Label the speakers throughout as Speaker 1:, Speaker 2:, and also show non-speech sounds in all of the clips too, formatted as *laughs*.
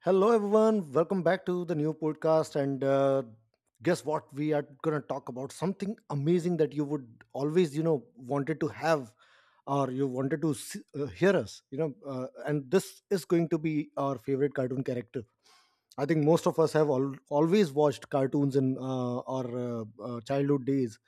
Speaker 1: Hello, everyone. Welcome back to the new podcast. And Guess what? We are going to talk about something amazing that you would always, wanted to have or you wanted to s hear us, you know. And this is going to be our favorite cartoon character. I think most of us have always watched cartoons in our childhood days.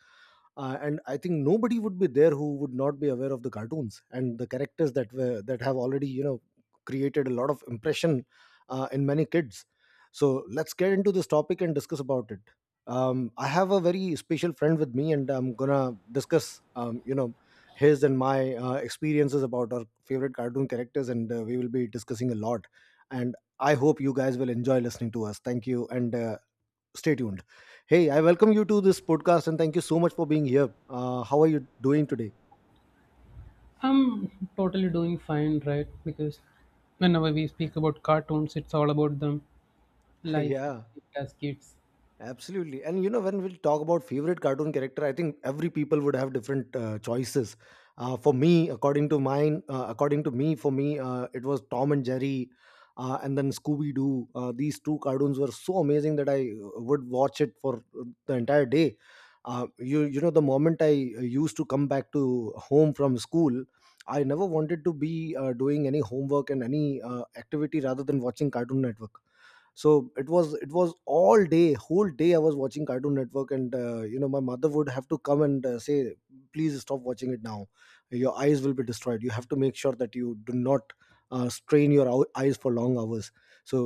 Speaker 1: And I think nobody would be there who would not be aware of the cartoons and the characters that have already, you know, created a lot of impression in many kids. So let's get into this topic and discuss about it. I have a very special friend with me, and I'm gonna discuss, you know, his and my experiences about our favorite cartoon characters, and we will be discussing a lot. And I hope you guys will enjoy listening to us. Thank you, and stay tuned. Hey, I welcome you to this podcast, and thank you so much for being here. How are you doing today?
Speaker 2: I'm totally doing fine, right? Because whenever we speak about cartoons, it's all about them,
Speaker 1: *laughs*
Speaker 2: life
Speaker 1: Yeah.
Speaker 2: as kids.
Speaker 1: Absolutely. And you know, when we talk about favorite cartoon character, I think every people would have different choices. For me, according to mine, According to me, for me, it was Tom and Jerry, and then Scooby Doo. These two cartoons were so amazing that I would watch it for the entire day. You know, the moment I used to come back to home from school, I never wanted to be doing any homework and any activity rather than watching Cartoon Network. So it was all day, whole day, I was watching Cartoon Network, and you know, my mother would have to come and say, please stop watching it now. Your eyes will be destroyed. You have to make sure that you do not strain your eyes for long hours. So,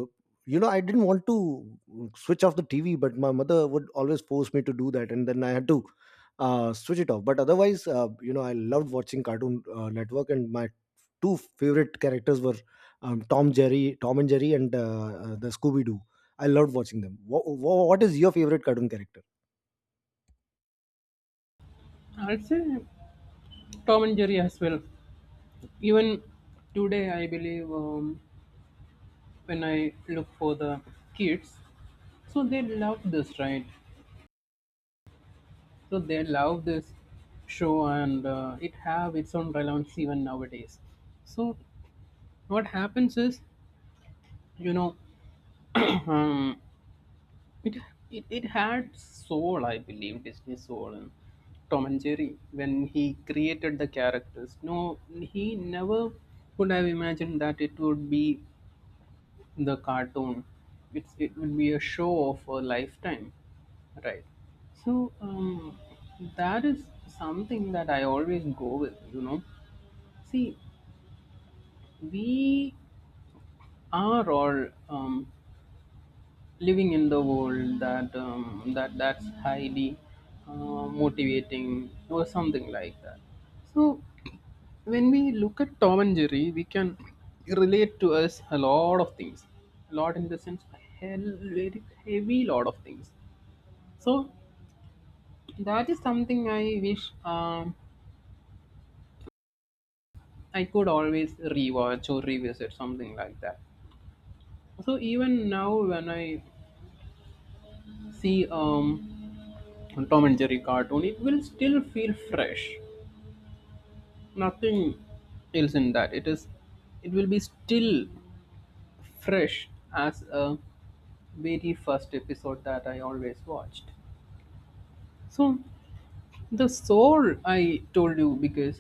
Speaker 1: you know, I didn't want to switch off the TV, but my mother would always force me to do that, and then I had to switch it off. But otherwise, you know, I loved watching cartoon network and my two favorite characters were, Tom and Jerry, and the Scooby Doo. I loved watching them. What is your favorite cartoon character?
Speaker 2: I'd say Tom and Jerry as well. Even today, I believe, when I look for the kids, so they love this, right? So they love this show, and it have its own relevance even nowadays. So what happens is, you know, *clears throat* um. It, it had soul, I believe, Disney's soul. And Tom and Jerry, when he created the characters, no, he never could have imagined that it would be the cartoon. It would be a show of a lifetime, right? So, that is something that I always go with. You know, see, we are all living in the world that's highly motivating or something like that. So when we look at Tom and Jerry, we can relate to us a lot of things, a lot in the sense a hell, very heavy lot of things. So that is something I wish, I could always rewatch or revisit something like that. So even now when I see, Tom and Jerry cartoon, it will still feel fresh. Nothing else in that. It is, it will be still fresh as a very first episode that I always watched. So the soul, I told you, because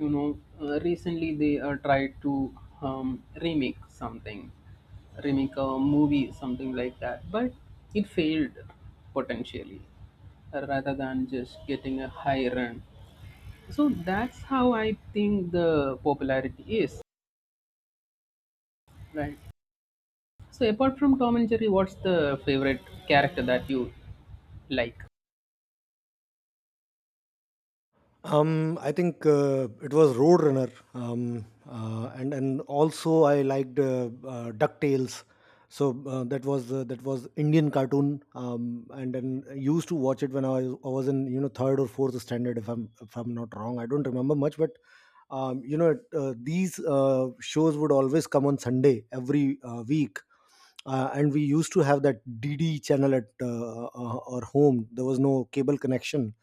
Speaker 2: you know, recently they tried to, remake something, remake a movie something like that, but it failed potentially, rather than just getting a high run. So that's how I think the popularity is. Right. So apart from Tom and Jerry, what's the favorite character that you like?
Speaker 1: I think it was Roadrunner, and also I liked Ducktales. So that was Indian cartoon, and then I used to watch it when I was in, you know, third or fourth standard, if I'm not wrong. I don't remember much, but you know, these shows would always come on Sunday every week, and we used to have that DD channel at our home. There was no cable connection,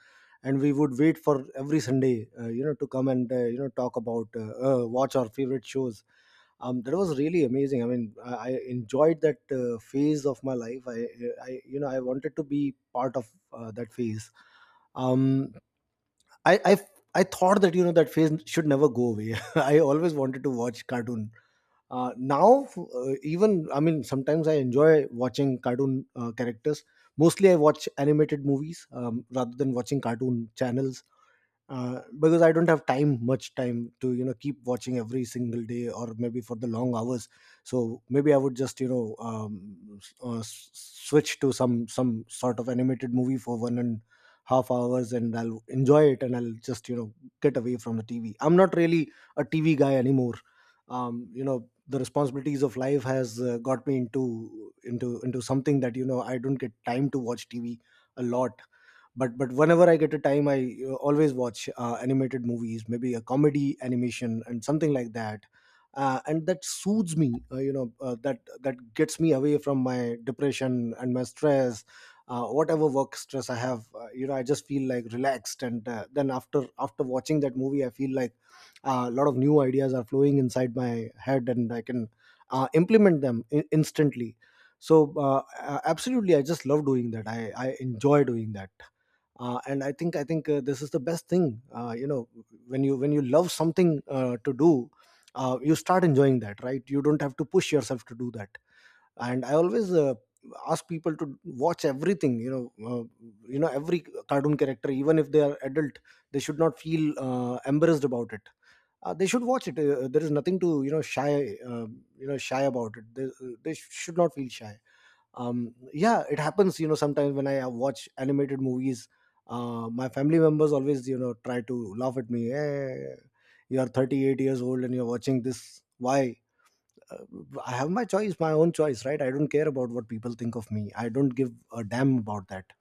Speaker 1: and we would wait for every Sunday, you know, to come and you know talk about watch our favorite shows. That was really amazing. I mean, I enjoyed that phase of my life. You know, I wanted to be part of that phase. Um, I, I, I thought that, you know, that phase should never go away. *laughs* I always wanted to watch cartoon now. Even I mean, sometimes I enjoy watching cartoon characters. Mostly I watch animated movies, rather than watching cartoon channels, because I don't have much time to, you know, keep watching every single day or maybe for the long hours. So maybe I would just, you know, switch to some sort of animated movie for one and half hours, and I'll enjoy it, and I'll just, you know, get away from the TV. I'm not really a TV guy anymore. You know, the responsibilities of life has got me into something that, you know, I don't get time to watch TV a lot. But whenever I get a time, I always watch animated movies, maybe a comedy animation and something like that, and that soothes me. That that gets me away from my depression and my stress, whatever work stress I have. You know, I just feel like relaxed, and then after after watching that movie I feel like a lot of new ideas are flowing inside my head, and I can implement them instantly. So, uh, absolutely, I just love doing that. I enjoy doing that, and I think this is the best thing. When you love something to do, you start enjoying that, right? You don't have to push yourself to do that. And I always ask people to watch everything. Every cartoon character, even if they are adult, they should not feel embarrassed about it. They should watch it. There is nothing to, you know, shy shy about it. They should not feel shy. Yeah, it happens, you know, sometimes when I watch animated movies, my family members always, you know, try to laugh at me. Hey, you are 38 years old and you're watching this, why? uh, I have my choice, my own choice, right? I don't care about what people think of me. I don't give a damn about that.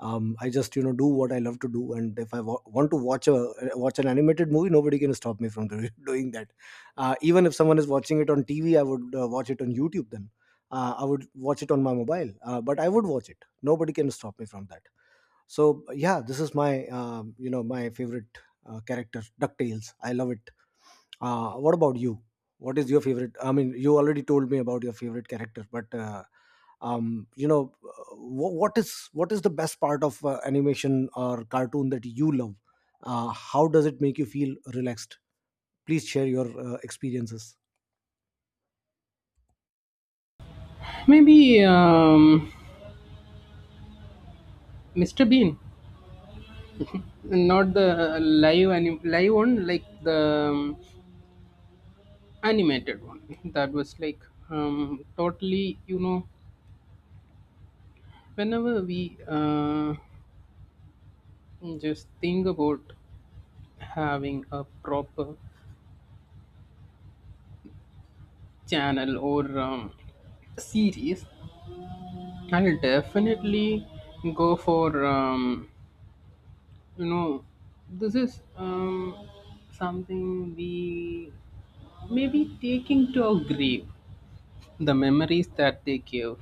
Speaker 1: I just, you know, do what I love to do, and if I want to watch an animated movie, nobody can stop me from *laughs* doing that. Even if someone is watching it on TV, I would watch it on YouTube, then I would watch it on my mobile. But I would watch it. Nobody can stop me from that. So yeah, this is my, you know, my favorite character, Ducktales. I love it. What about you? What is your favorite? I mean, you already told me about your favorite character, but you know, what is the best part of animation or cartoon that you love? How does it make you feel relaxed? Please share your experiences.
Speaker 2: Maybe Mr. Bean, not the live one, like the um, animated one. *laughs* That was like, totally, you know, whenever we just think about having a proper channel or series, I'll definitely go for, you know, this is, something we may be taking to our grave, the memories that they give,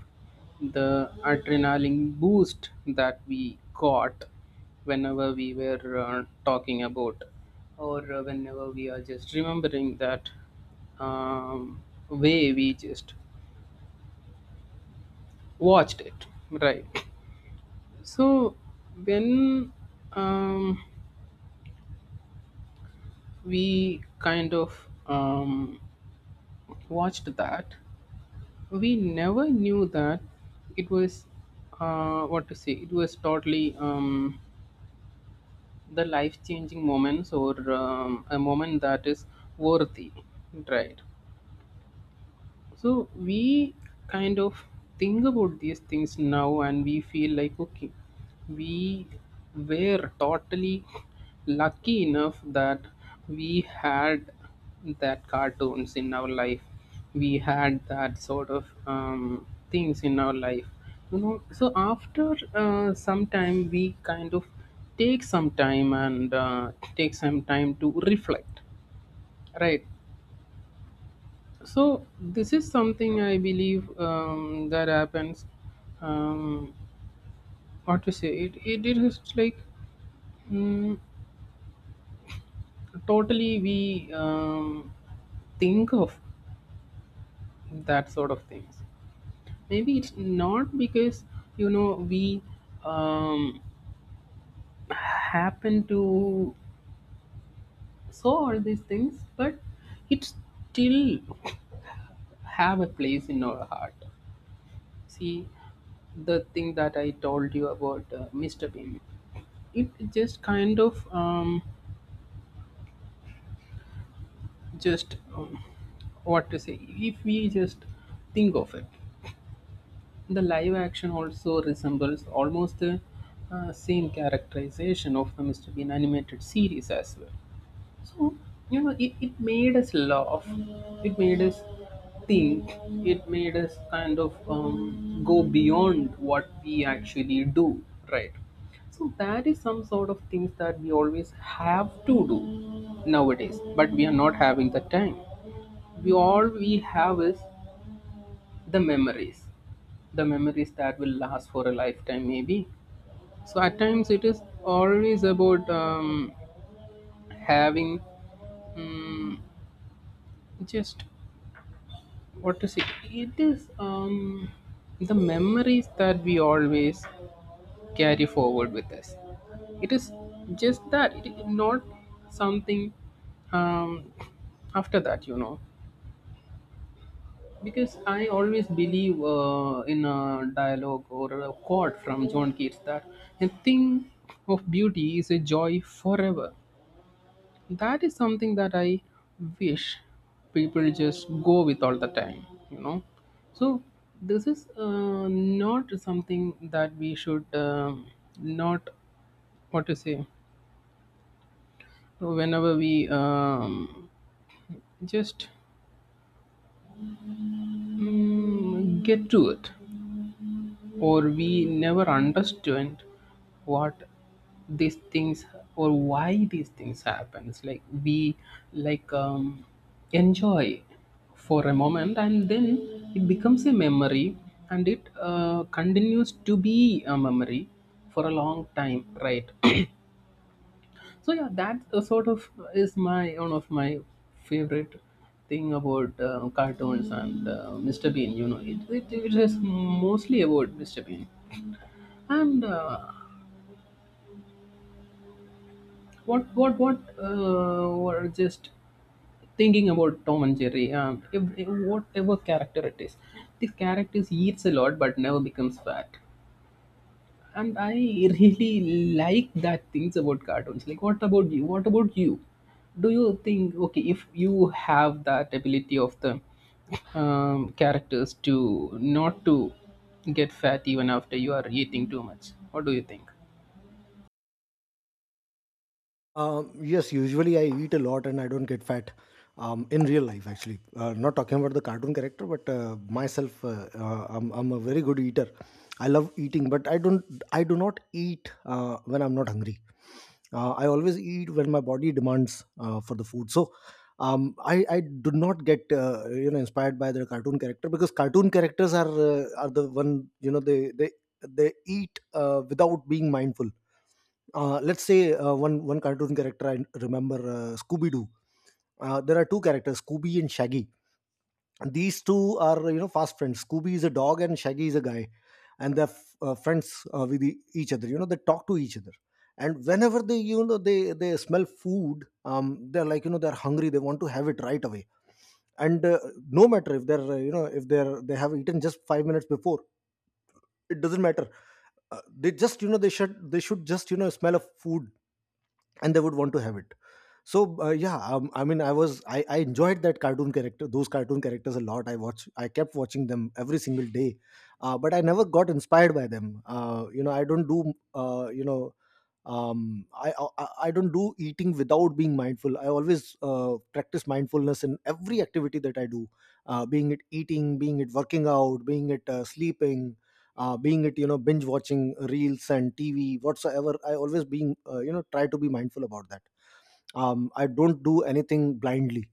Speaker 2: the adrenaline boost that we got whenever we were talking about or whenever we are just remembering that, um, way we just watched it, right? So when, um, we kind of watched that, we never knew that it was, what to say, it was totally, the life changing moments or a moment that is worthy, right? So we kind of think about these things now and we feel like, okay, we were totally lucky enough that we had that cartoons in our life. We had that sort of things in our life. You know, so after some time, we kind of take some time and take some time to reflect, right? So this is something I believe, that happens. Um, what to say? It is just like, mm, totally we, think of that sort of things. Maybe it's not because you know we, um, happen to saw all these things, but it still have a place in our heart. See, the thing that I told you about Mr. Bean. It just kind of just what to say, if we just think of it, the live action also resembles almost the same characterization of the Mr. Bean animated series as well. So, you know, it made us laugh, it made us think, it made us kind of go beyond what we actually do, right? So, that is some sort of things that we always have to do nowadays, but we are not having the time. We all we have is the memories, the memories that will last for a lifetime, maybe. So, at times, it is always about having, mm, just, what to say, it is, the memories that we always carry forward with us. It is just that it is not something, um after that, you know, because I always believe in a dialogue or a quote from John Keats that a thing of beauty is a joy forever. That is something that I wish people just go with all the time, you know. So this is, not something that we should, not, what to say, whenever we, just get to it, or we never understand what these things or why these things happens, like we, like enjoy for a moment and then it becomes a memory, and it continues to be a memory for a long time, right. *clears throat* So yeah, that sort of is my one of my favorite thing about cartoons and Mr. Bean. You know, it is mostly about Mr. Bean. And what were just thinking about Tom and Jerry? If whatever character it is, the characters eats a lot but never becomes fat. And I really like that things about cartoons. Like, what about you? What about you? Do you think okay if you have that ability of the characters to not to get fat even after you are eating too much? What do you think?
Speaker 1: Yes, usually I eat a lot and I don't get fat. In real life, actually, not talking about the cartoon character, but myself, I'm a very good eater. I love eating, but I don't, I do not eat when I'm not hungry. I always eat when my body demands for the food. So, I do not get you know, inspired by the cartoon character, because cartoon characters are the one, you know, they eat without being mindful. Let's say one cartoon character I remember, Scooby Doo. There are two characters, Scooby and Shaggy. And these two are, you know, fast friends. Scooby is a dog and Shaggy is a guy, and they're friends with each other. You know, they talk to each other, and whenever they, you know, they smell food, they're like, you know, they're hungry. They want to have it right away, and no matter if they're, you know, if they're, they have eaten just 5 minutes before, it doesn't matter. They just, you know, they should just, you know, smell of food, and they would want to have it. So yeah, I enjoyed that cartoon character, those cartoon characters a lot. I kept watching them every single day, but I never got inspired by them. Uh, you know I don't do you know I don't do eating without being mindful. I always practice mindfulness in every activity that I do, being it eating, being it working out, being it sleeping, being it, you know, binge watching reels and TV, whatsoever. I always being you know, try to be mindful about that. I don't do anything blindly.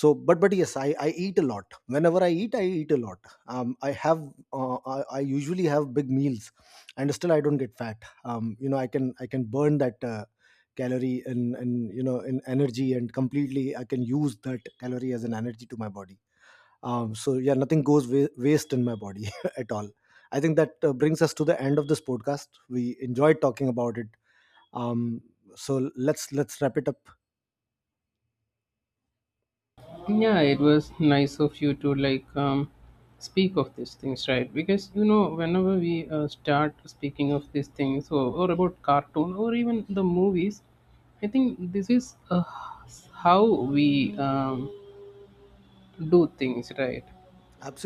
Speaker 1: But yes, I eat a lot. Whenever I eat, I eat a lot. um, i have I usually have big meals and still I don't get fat. You know, I can, I can burn that calorie in, you know, in energy, and completely I can use that calorie as an energy to my body. So yeah, nothing goes waste in my body *laughs* at all. I think that brings us to the end of this podcast. We enjoyed talking about it. Um, so let's let's wrap it up.
Speaker 2: Yeah, it was nice of you to like, speak of these things, right? Because you know whenever we start speaking of these things or about cartoon or even the movies, I think this is, how we, do things, right?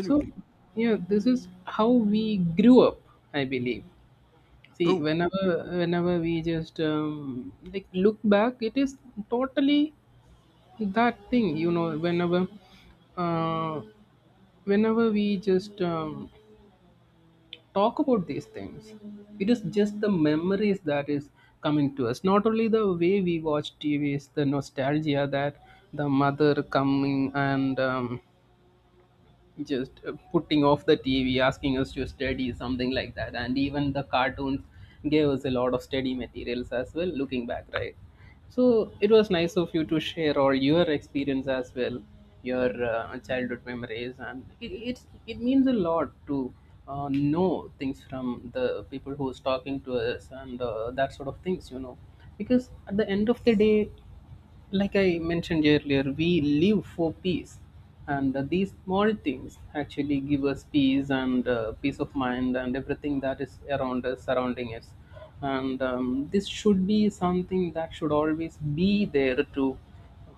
Speaker 2: So yeah, this is how we grew up, I believe. See,
Speaker 1: True.
Speaker 2: whenever we just like look back, it is totally that thing, you know, whenever, uh, whenever we just talk about these things, it is just the memories that is coming to us, not only the way we watch TV, is the nostalgia that the mother coming and just putting off the TV, asking us to study, something like that. And even the cartoons gave us a lot of study materials as well, looking back, right? So it was nice of you to share all your experience as well, your childhood memories, and it means a lot to know things from the people who's talking to us and that sort of things, you know, because at the end of the day, like I mentioned earlier, we live for peace, and these small things actually give us peace and peace of mind and everything that is around us, surrounding us. And this should be something that should always be there to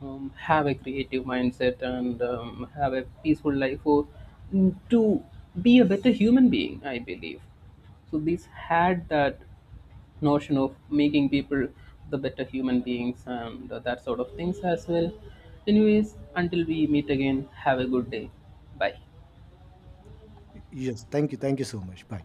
Speaker 2: have a creative mindset and have a peaceful life or to be a better human being, I believe. So, this had that notion of making people the better human beings and that sort of things as well. Anyways, until we meet again, have a good day. Bye.
Speaker 1: Yes. Thank you. Thank you so much. Bye.